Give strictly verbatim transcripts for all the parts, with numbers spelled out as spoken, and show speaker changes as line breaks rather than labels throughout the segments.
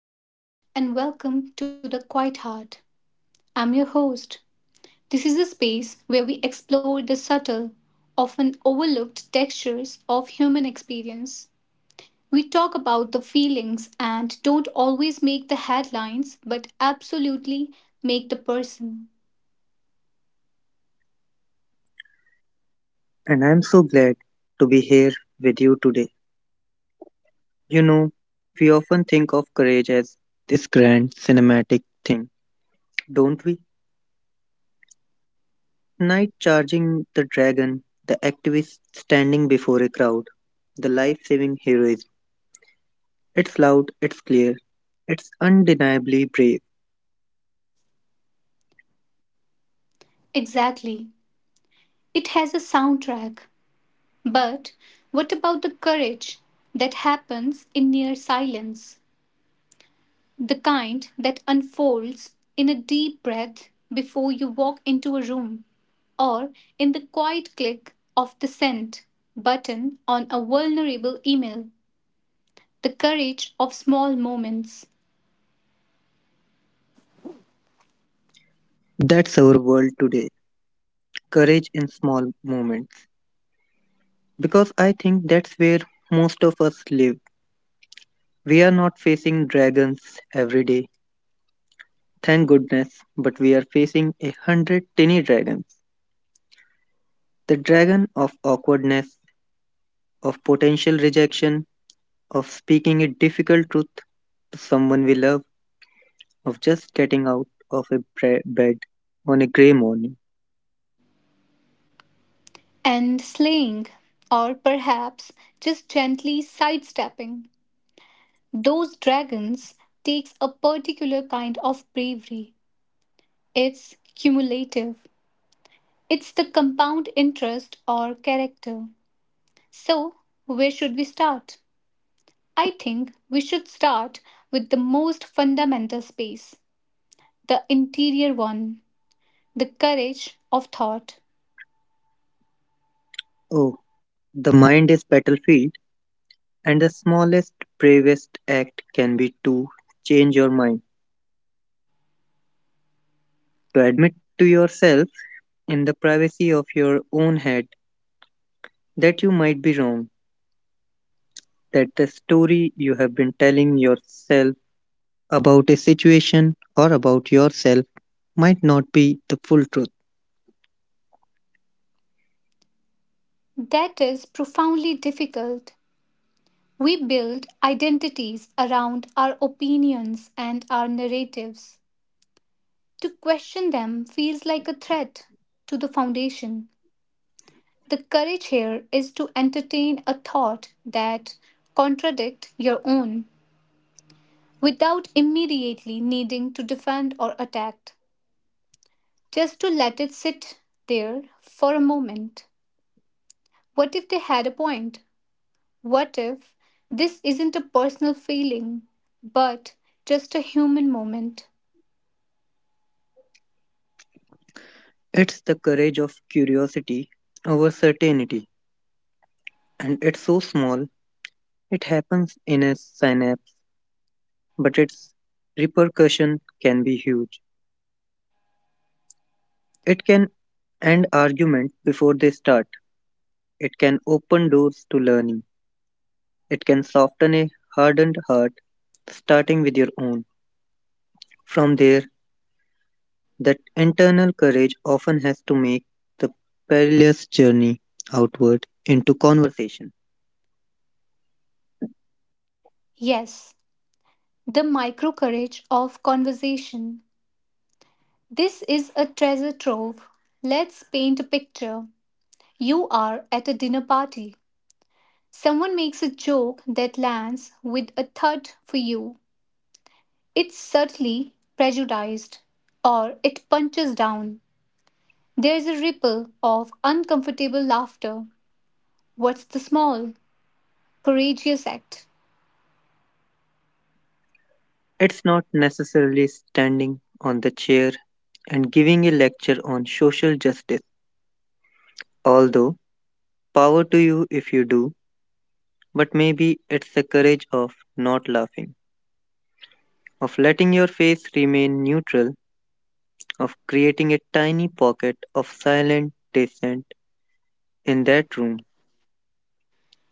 Hello, and welcome to The Quiet Heart. I'm your host. This is a space where we explore the subtle, often overlooked textures of human experience. We talk about the feelings and don't always make the headlines, but absolutely make the person.
And I'm so glad to be here with you today. You know, we often think of courage as this grand cinematic thing, don't we? Knight charging the dragon, the activist standing before a crowd, the life saving heroism. It's loud, it's clear, it's undeniably brave.
Exactly. It has a soundtrack. But what about the courage that happens in near silence? The kind that unfolds in a deep breath before you walk into a room, or in the quiet click of the send button on a vulnerable email. The courage of small moments
That's our world today. Courage in small moments. Because I think that's where most of us live. We are not facing dragons every day. Thank goodness, but we are facing a hundred tiny dragons. The dragon of awkwardness, of potential rejection, of speaking a difficult truth to someone we love, of just getting out of a bre- bed on a grey morning.
and slaying, or perhaps just gently sidestepping. Those dragons takes a particular kind of bravery. It's cumulative. It's the compound interest or character. So, where should we start? I think we should start with the most fundamental space, the interior one, the courage of thought.
Oh, the mind is battlefield, and the smallest, bravest act can be to change your mind, to admit to yourself in the privacy of your own head that you might be wrong, that the story you have been telling yourself about a situation or about yourself might not be the full truth.
That is profoundly difficult. We build identities around our opinions and our narratives. To question them feels like a threat to the foundation. The courage here is to entertain a thought that contradicts your own without immediately needing to defend or attack, just to let it sit there for a moment. What if they had a point? What if this isn't a personal feeling, but just a human moment?
It's the courage of curiosity over certainty, and it's so small, it happens in a synapse, but its repercussion can be huge. It can end arguments before they start, it can open doors to learning, it can soften a hardened heart, starting with your own. From there, that internal courage often has to make the perilous journey outward into conversation.
Yes, the micro courage of conversation. This is a treasure trove. Let's paint a picture. You are at a dinner party. Someone makes a joke that lands with a thud for you. It's subtly prejudiced, or it punches down. There's a ripple of uncomfortable laughter. What's the small, courageous act?
It's not necessarily standing on the chair and giving a lecture on social justice, although power to you if you do, but maybe it's the courage of not laughing, of letting your face remain neutral, of creating a tiny pocket of silent dissent in that room.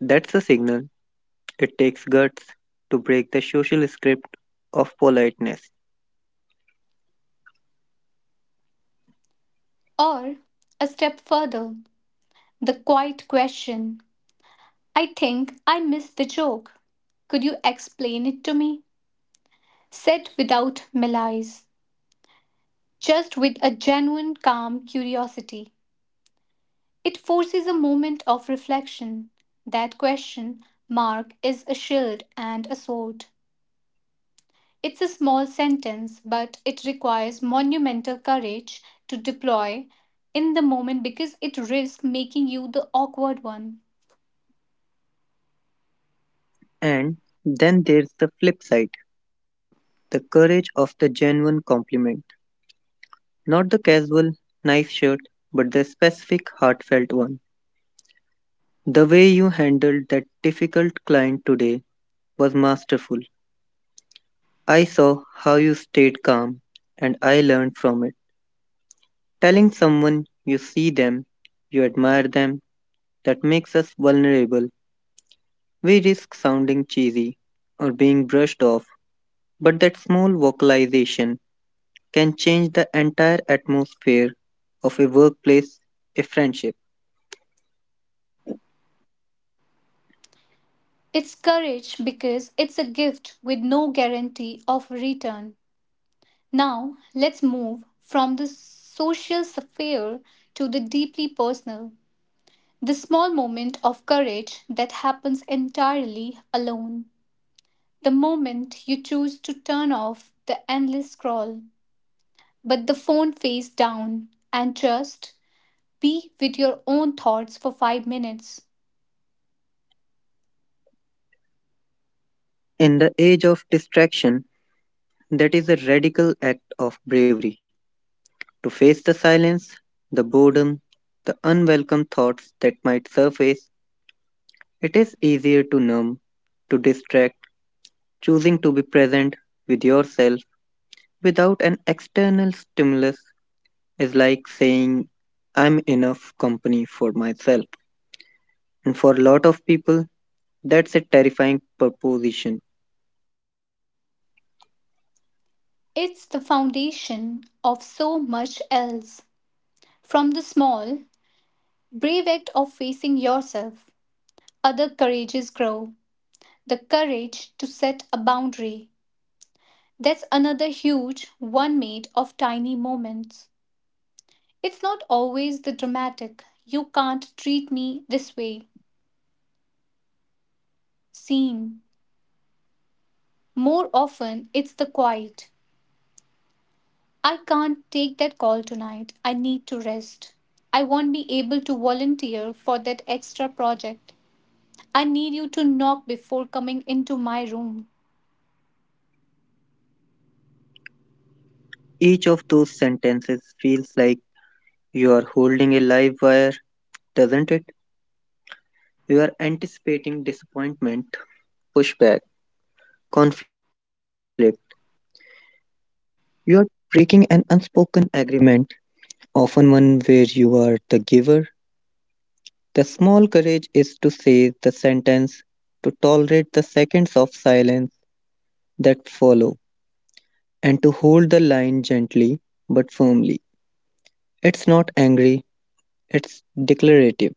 That's a signal. It takes guts to break the social script of politeness.
Or a step further, the quiet question I think I missed the joke. Could you explain it to me? Said without malice, just with a genuine calm curiosity. It forces a moment of reflection. That question, Mark, is a shield and a sword. It's a small sentence, but it requires monumental courage to deploy in the moment because it risks making you the awkward one.
And then there's the flip side, the courage of the genuine compliment. Not the casual, nice shirt, but the specific, heartfelt one. The way you handled that difficult client today was masterful. I saw how you stayed calm, and I learned from it. Telling someone you see them, you admire them, that makes us vulnerable. We risk sounding cheesy or being brushed off, but that small vocalization can change the entire atmosphere of a workplace, a friendship.
It's courage because it's a gift with no guarantee of return. Now, let's move from the social sphere to the deeply personal, the small moment of courage that happens entirely alone, the moment you choose to turn off the endless scroll but the phone face down and just be with your own thoughts for five minutes.
In the age of distraction, that is a radical act of bravery to face the silence, the boredom, the unwelcome thoughts that might surface. It is easier to numb, to distract. Choosing to be present with yourself without an external stimulus is like saying, I'm enough company for myself. And for a lot of people, that's a terrifying proposition.
It's the foundation of so much else. From the small, brave act of facing yourself, other courages grow. The courage to set a boundary. That's another huge one made of tiny moments. It's not always the dramatic, you can't treat me this way, scene. More often, it's the quiet. I can't take that call tonight. I need to rest. I won't be able to volunteer for that extra project. I need you to knock before coming into my room.
Each of those sentences feels like you are holding a live wire, doesn't it? You are anticipating disappointment, pushback, conflict. You are breaking an unspoken agreement, often one where you are the giver. The small courage is to say the sentence, to tolerate the seconds of silence that follow, and to hold the line gently but firmly. It's not angry, it's declarative,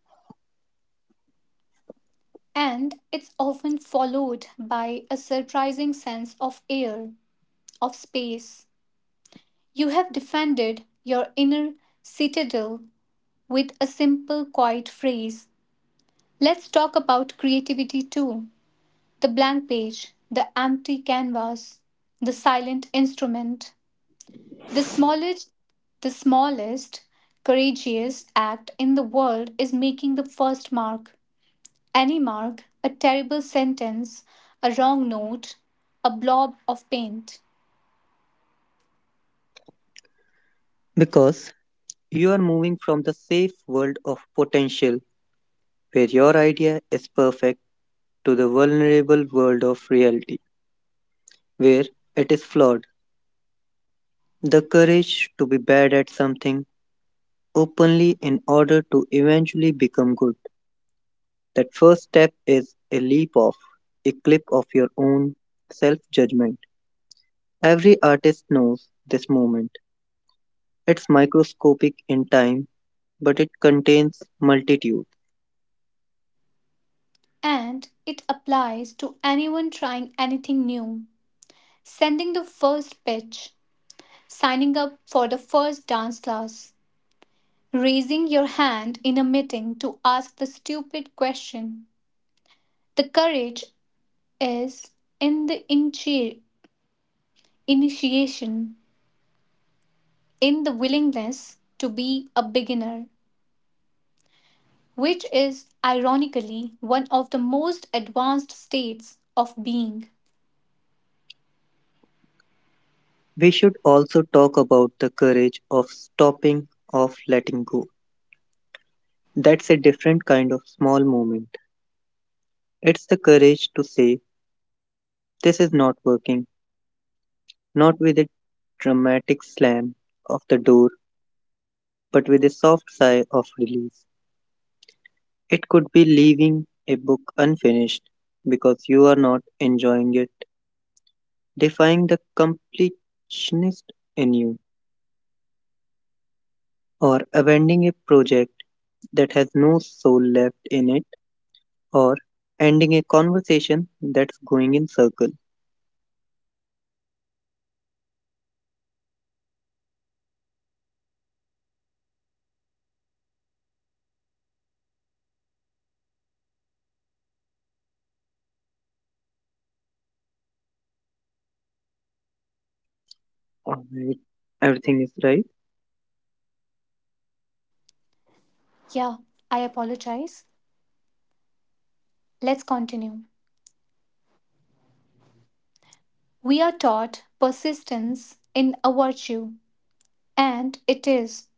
And it's often followed by a surprising sense of air, of space. You have defended your inner citadel with a simple, quiet phrase. Let's talk about creativity too, the blank page, the empty canvas, the silent instrument. The smallest, the smallest courageous act in the world is making the first mark. Any mark, a terrible sentence, a wrong note, a blob of paint.
because you are moving from the safe world of potential where your idea is perfect to the vulnerable world of reality where it is flawed. The courage to be bad at something openly in order to eventually become good. That first step is a leap off, a clip of your own self judgment. Every artist knows this moment. It's microscopic in time, but it contains multitude.
And it applies to anyone trying anything new. Sending the first pitch, signing up for the first dance class, raising your hand in a meeting to ask the stupid question. The courage is in the inche- initiation, in the willingness to be a beginner, which is ironically one of the most advanced states of being.
We should also talk about the courage of stopping, of letting go. That's a different kind of small moment. It's the courage to say, this is not working, not with a dramatic slam of the door but with a soft sigh of relief. It could be leaving a book unfinished because you are not enjoying it, defying the completionist in you, or abandoning a project that has no soul left in it, or ending a conversation that's going in circle. Alright, everything is right.
Yeah, I apologize. Let's continue. We are taught persistence in a virtue, and it is,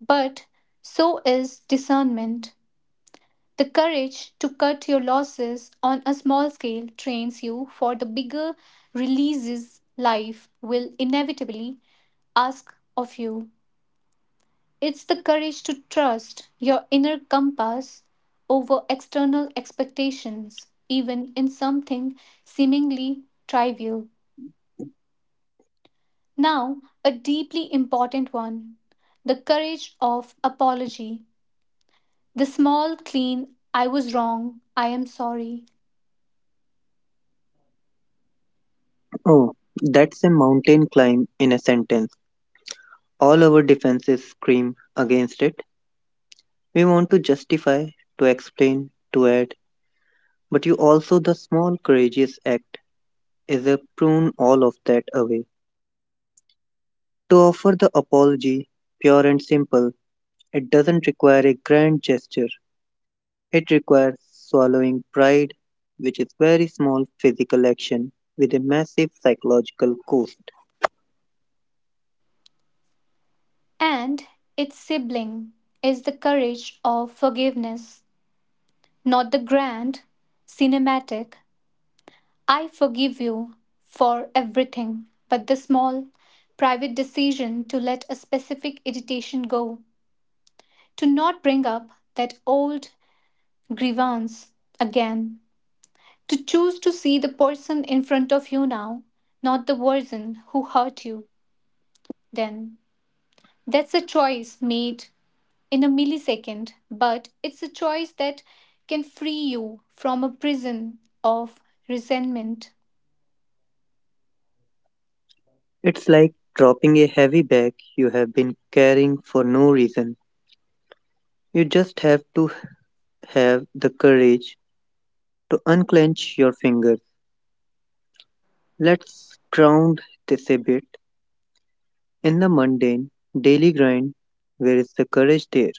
but so is discernment. The courage to cut your losses on a small scale trains you for the bigger releases life will inevitably ask of you. It's the courage to trust your inner compass over external expectations, even in something seemingly trivial. Now, a deeply important one, the courage of apology. The small, clean, I was wrong, I am sorry.
Oh, that's a mountain climb in a sentence. All our defenses scream against it. We want to justify, to explain, to add, but you also the small courageous act is a prune all of that away. To offer the apology, pure and simple, it doesn't require a grand gesture. It requires swallowing pride, which is very small physical action with a massive psychological cost.
And its sibling is the courage of forgiveness, not the grand, cinematic, I forgive you for everything, but the small, private decision to let a specific irritation go, to not bring up that old grievance again, to choose to see the person in front of you now, not the version who hurt you then. That's a choice made in a millisecond, but it's a choice that can free you from a prison of resentment.
It's like dropping a heavy bag you have been carrying for no reason. You just have to have the courage to unclench your fingers. Let's ground this a bit. In the mundane, daily grind, where is the courage there?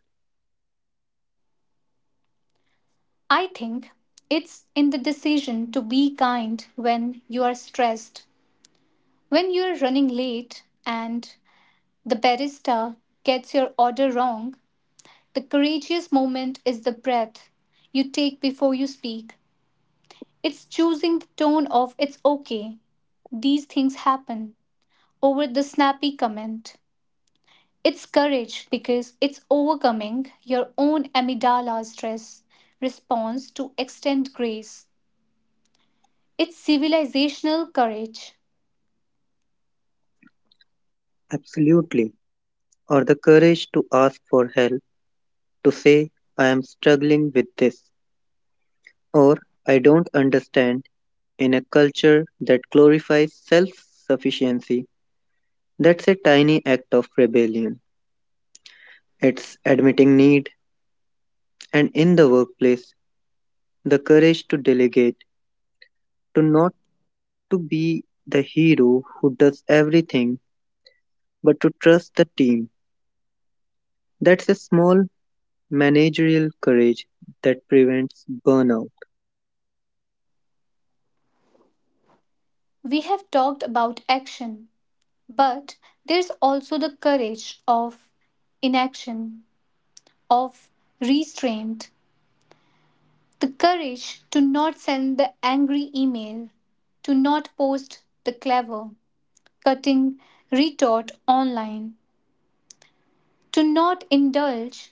I think it's in the decision to be kind when you are stressed. When you're running late and the barista gets your order wrong, the courageous moment is the breath you take before you speak. It's choosing the tone of it's okay. These things happen over the snappy comment. It's courage because it's overcoming your own amygdala stress response to extend grace. It's civilizational courage.
Absolutely. Or the courage to ask for help, to say, I am struggling with this, or I don't understand, in a culture that glorifies self sufficiency. That's a tiny act of rebellion. It's admitting need, and in the workplace, the courage to delegate, to not to be the hero who does everything, but to trust the team. That's a small managerial courage that prevents burnout.
We have talked about action, but there's also the courage of inaction, of restraint, the courage to not send the angry email, to not post the clever, cutting retort online, to not indulge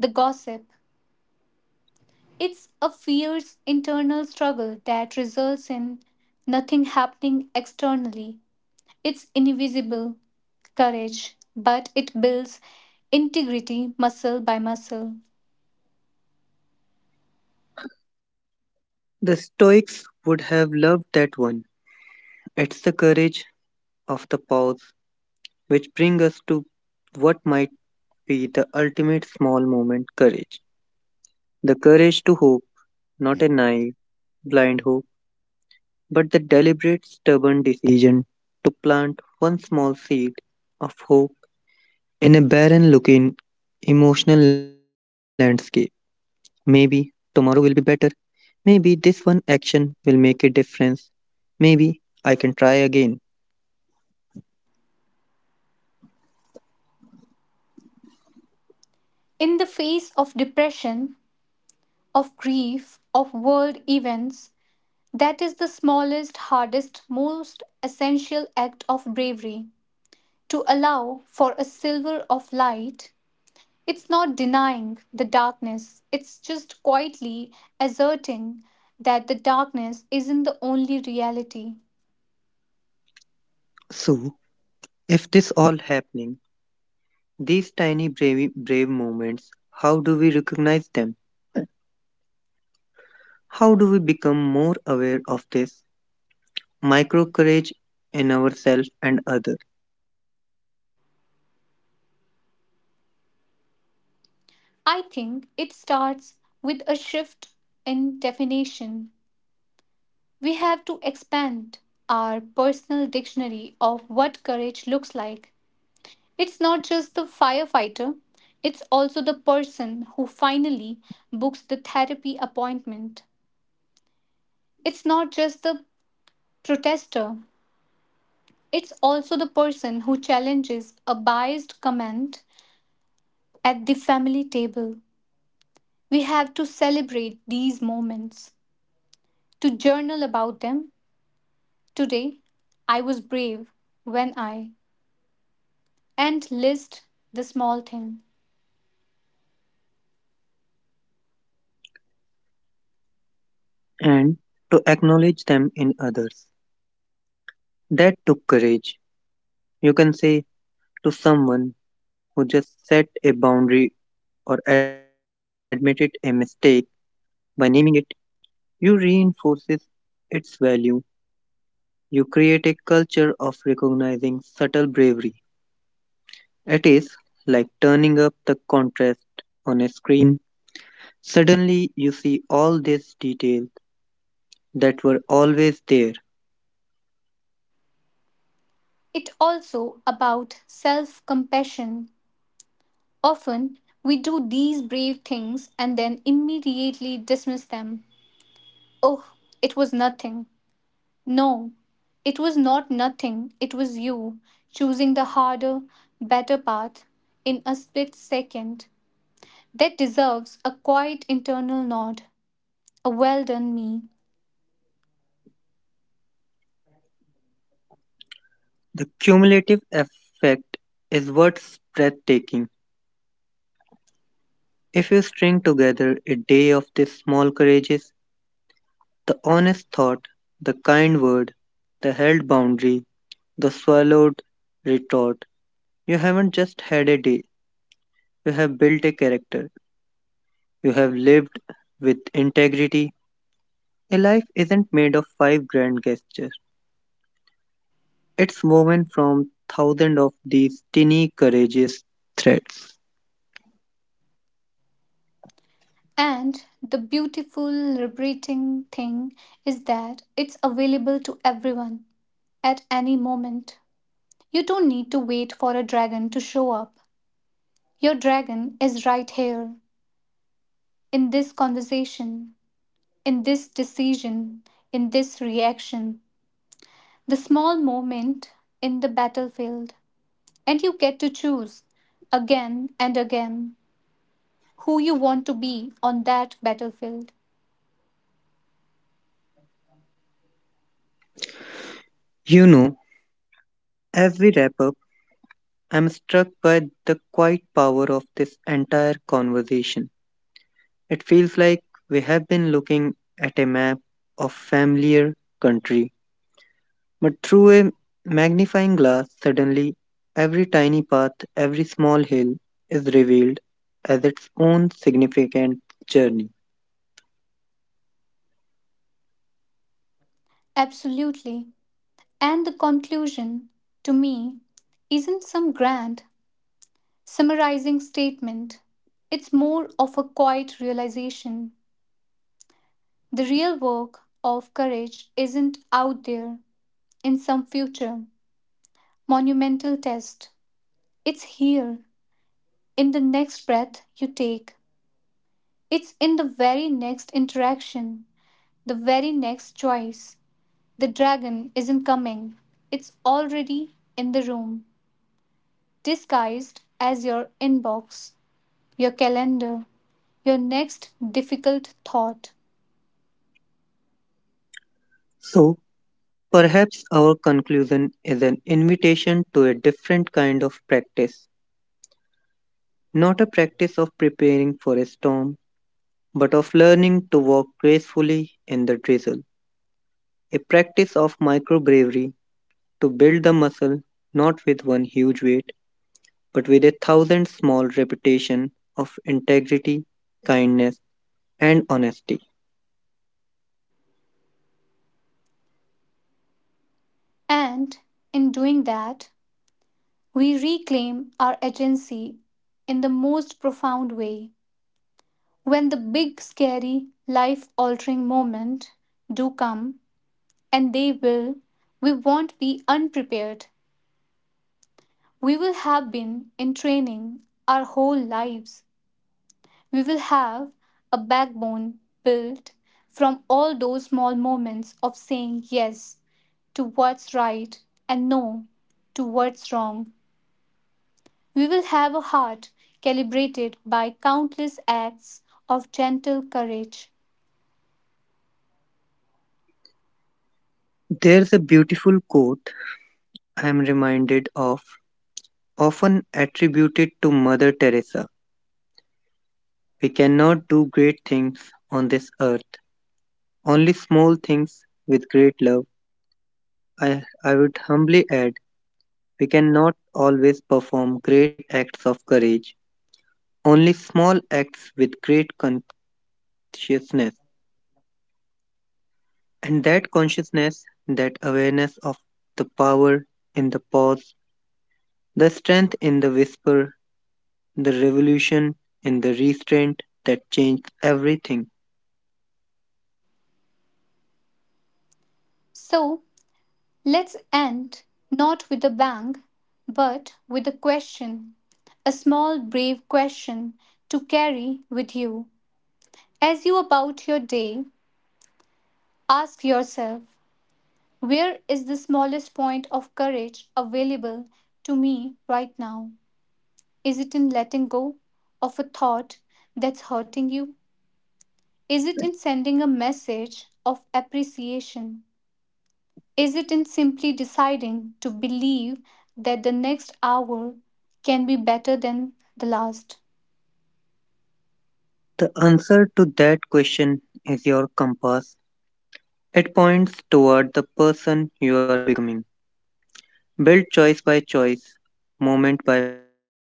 the gossip. It's a fierce internal struggle that results in nothing happening externally. It's invisible courage, but it builds integrity muscle by muscle.
The Stoics would have loved that one. It's the courage of the pause, which brings us to what might be the ultimate small moment courage. The courage to hope, not a naive, blind hope, but the deliberate, stubborn decision to plant one small seed of hope in a barren looking emotional landscape. Maybe tomorrow will be better. Maybe this one action will make a difference. Maybe I can try again.
In the face of depression, of grief, of world events, that is the smallest, hardest, most essential act of bravery. To allow for a silver of light, it's not denying the darkness, it's just quietly asserting that the darkness isn't the only reality.
So, if this all happening, these tiny brave, brave moments, how do we recognize them? How do we become more aware of this micro courage in ourselves and others,
I think it starts with a shift in definition. We have to expand our personal dictionary of what courage looks like. It's not just the firefighter, it's also the person who finally books the therapy appointment. It's not just the protester, it's also the person who challenges a biased comment at the family table. We have to celebrate these moments, to journal about them. Today, I was brave when I, and list the small thing.
and to acknowledge them in others? That took courage. You can say to someone who just set a boundary or admitted a mistake by naming it. You reinforces its value. You create a culture of recognizing subtle bravery. It is like turning up the contrast on a screen. Suddenly, you see all these details that were always there.
It also about self-compassion. Often we do these brave things and then immediately dismiss them. Oh, it was nothing. No, it was not nothing. It was you choosing the harder, better path in a split second. That deserves a quiet internal nod. A well done me.
The cumulative effect is what's breathtaking. If you string together a day of these small courages, the honest thought, the kind word, the held boundary, the swallowed retort, you haven't just had a day. You have built a character. You have lived with integrity. A life isn't made of five grand gestures. It's woven from thousands of these tiny courageous threads.
And the beautiful, liberating thing is that it's available to everyone at any moment. You don't need to wait for a dragon to show up. Your dragon is right here, in this conversation, in this decision, in this reaction, the small moment in the battlefield. And you get to choose again and again who you want to be on that battlefield.
You know, as we wrap up, I'm struck by the quiet power of this entire conversation. It feels like we have been looking at a map of familiar country, but through a magnifying glass, suddenly every tiny path, every small hill is revealed as its own significant journey.
Absolutely. And the conclusion, to me, isn't some grand, summarizing statement. It's more of a quiet realization. The real work of courage isn't out there in some future monumental test. It's here, in the next breath you take. It's in the very next interaction, the very next choice. The dragon isn't coming, it's already in the room, disguised as your inbox, your calendar, your next difficult thought.
So, perhaps our conclusion is an invitation to a different kind of practice, not a practice of preparing for a storm, but of learning to walk gracefully in the drizzle, a practice of microbravery to build the muscle not with one huge weight but with a thousand small reputation of integrity, kindness, and honesty.
And in doing that, we reclaim our agency in the most profound way. When the big, scary, life altering moment do come, and they will, we won't be unprepared. We will have been in training our whole lives. We will have a backbone built from all those small moments of saying yes to what's right and no to what's wrong. We will have a heart calibrated by countless acts of gentle courage.
There's a beautiful quote I am reminded of, often attributed to Mother Teresa. We cannot do great things on this earth, only small things with great love. I, I would humbly add, we cannot always perform great acts of courage, only small acts with great consciousness. And that consciousness, that awareness of the power in the pause, the strength in the whisper, the revolution in the restraint that changed everything.
So let's end not with a bang, but with a question, a small brave question to carry with you. As you about your day, ask yourself, where is the smallest point of courage available to me right now? Is it in letting go of a thought that's hurting you? Is it in sending a message of appreciation? Is it in simply deciding to believe that the next hour can be better than the last?
The answer to that question is your compass. It points toward the person you are becoming. Built choice by choice, moment by moment.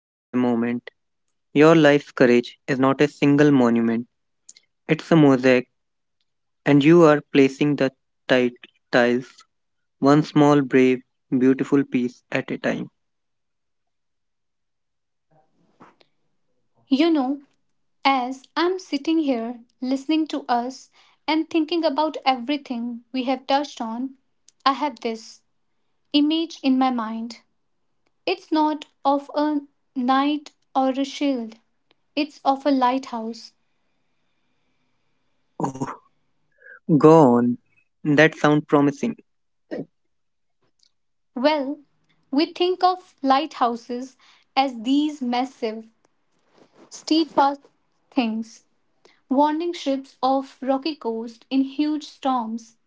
Your life's courage is not a single monument, it's a mosaic, and you are placing the ti- tiles, one small, brave, beautiful piece at a time.
You know, as I'm sitting here listening to us and thinking about everything we have touched on, I have this image in my mind. It's not of a knight or a shield, it's of a lighthouse.
Oh, go on. That sounds promising.
Well, we think of lighthouses as these massive, steadfast things, warning ships of rocky coast in huge storms,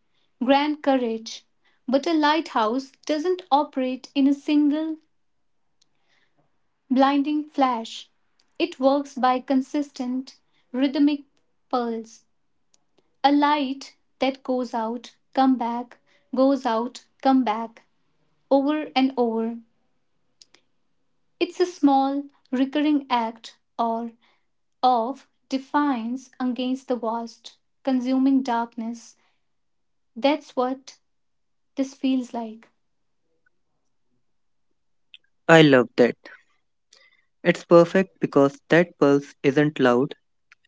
grand courage. But a lighthouse doesn't operate in a single blinding flash. It works by consistent, rhythmic pulse. A light that goes out, come back, goes out, come back, over and over. It's a small, recurring act or of defiance against the vast, consuming darkness. That's what this feels like.
I love that. It's perfect because that pulse isn't loud.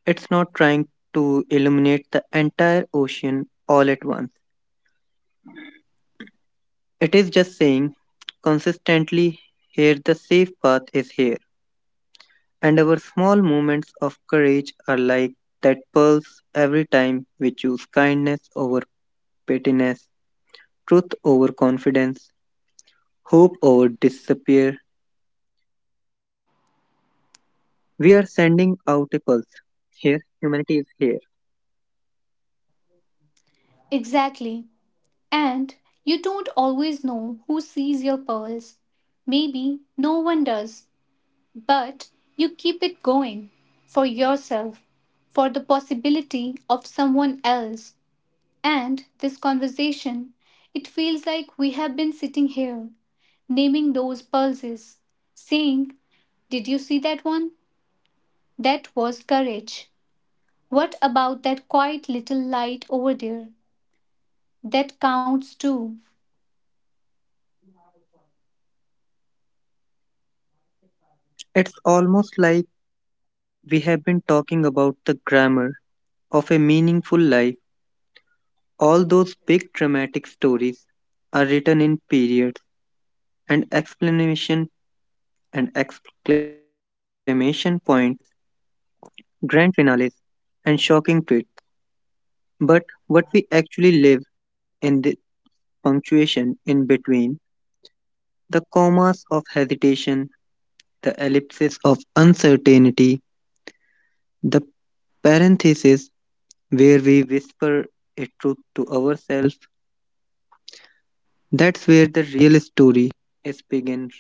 It's not trying to illuminate the entire ocean all at once. It is just saying consistently, here the safe path is here. And our small moments of courage are like that pulse. Every time we choose kindness over pettiness, truth over confidence, hope over disappear, we are sending out a pulse. Here, humanity is here.
Exactly. And you don't always know who sees your pearls. Maybe no one does, but you keep it going for yourself, for the possibility of someone else. And this conversation, it feels like we have been sitting here, naming those pulses, saying, did you see that one? That was courage. What about that quiet little light over there? That counts too.
It's almost like we have been talking about the grammar of a meaningful life. All those big dramatic stories are written in periods and explanation and exclamation points, grand finales and shocking twists. But what we actually live in the punctuation in between, the commas of hesitation, the ellipses of uncertainty, the parentheses where we whisper a truth to ourselves, that's where the real story is begins,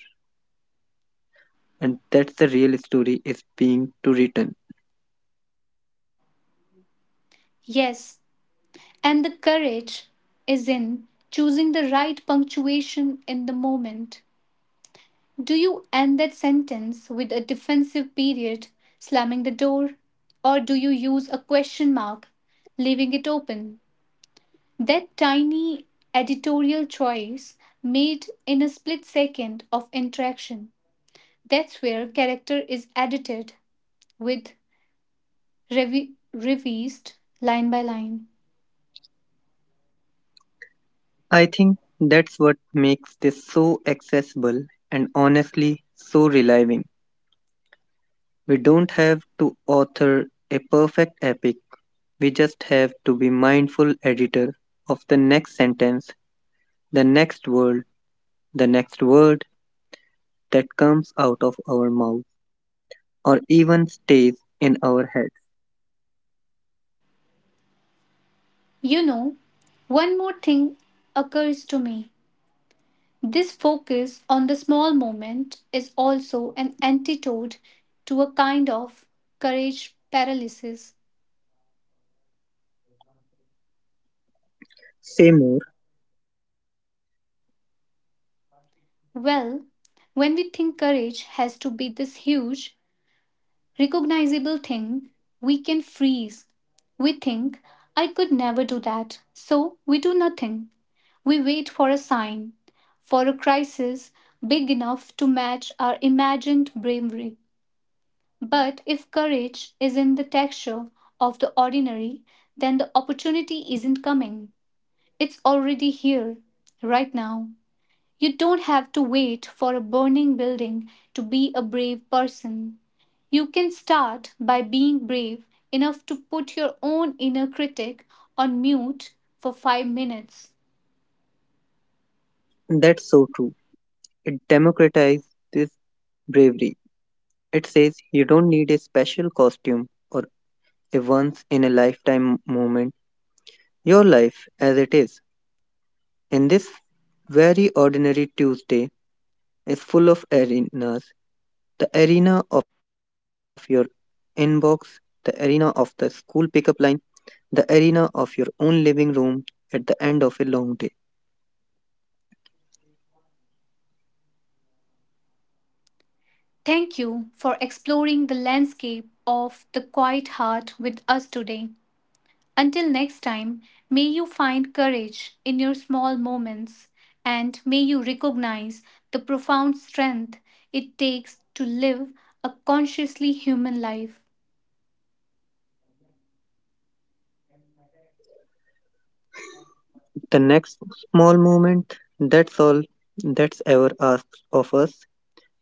and that's the real story is being to written.
Yes, and the courage is in choosing the right punctuation in the moment. Do you end that sentence with a defensive period, slamming the door? Or do you use a question mark, leaving it open? That tiny editorial choice made in a split second of interaction. That's where character is edited with revi- revised line by line.
I think that's what makes this so accessible and honestly so relieving. We don't have to author a perfect epic. We just have to be mindful editor of the next sentence, the next word, the next word that comes out of our mouth or even stays in our heads.
You know, one more thing occurs to me. This focus on the small moment is also an antidote to a kind of courage paralysis.
Say more.
Well, when we think courage has to be this huge, recognizable thing, we can freeze. We think, I could never do that, so we do nothing. We wait for a sign, for a crisis big enough to match our imagined bravery. But if courage is in the texture of the ordinary, then the opportunity isn't coming. It's already here, right now. You don't have to wait for a burning building to be a brave person. You can start by being brave enough to put your own inner critic on mute for five minutes.
That's so true. It democratizes this bravery. It says you don't need a special costume or a once in a lifetime moment. Your life as it is. In this very ordinary Tuesday, is full of arenas, the arena of your inbox, the arena of the school pickup line, the arena of your own living room at the end of a long day.
Thank you for exploring the landscape of the quiet heart with us today. Until next time, may you find courage in your small moments and may you recognize the profound strength it takes to live a consciously human life.
The next small moment, that's all that's ever asked of us.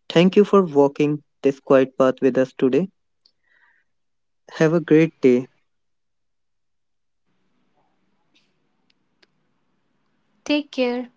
Thank you for walking this quiet path with us today. Have a great day.
Take care.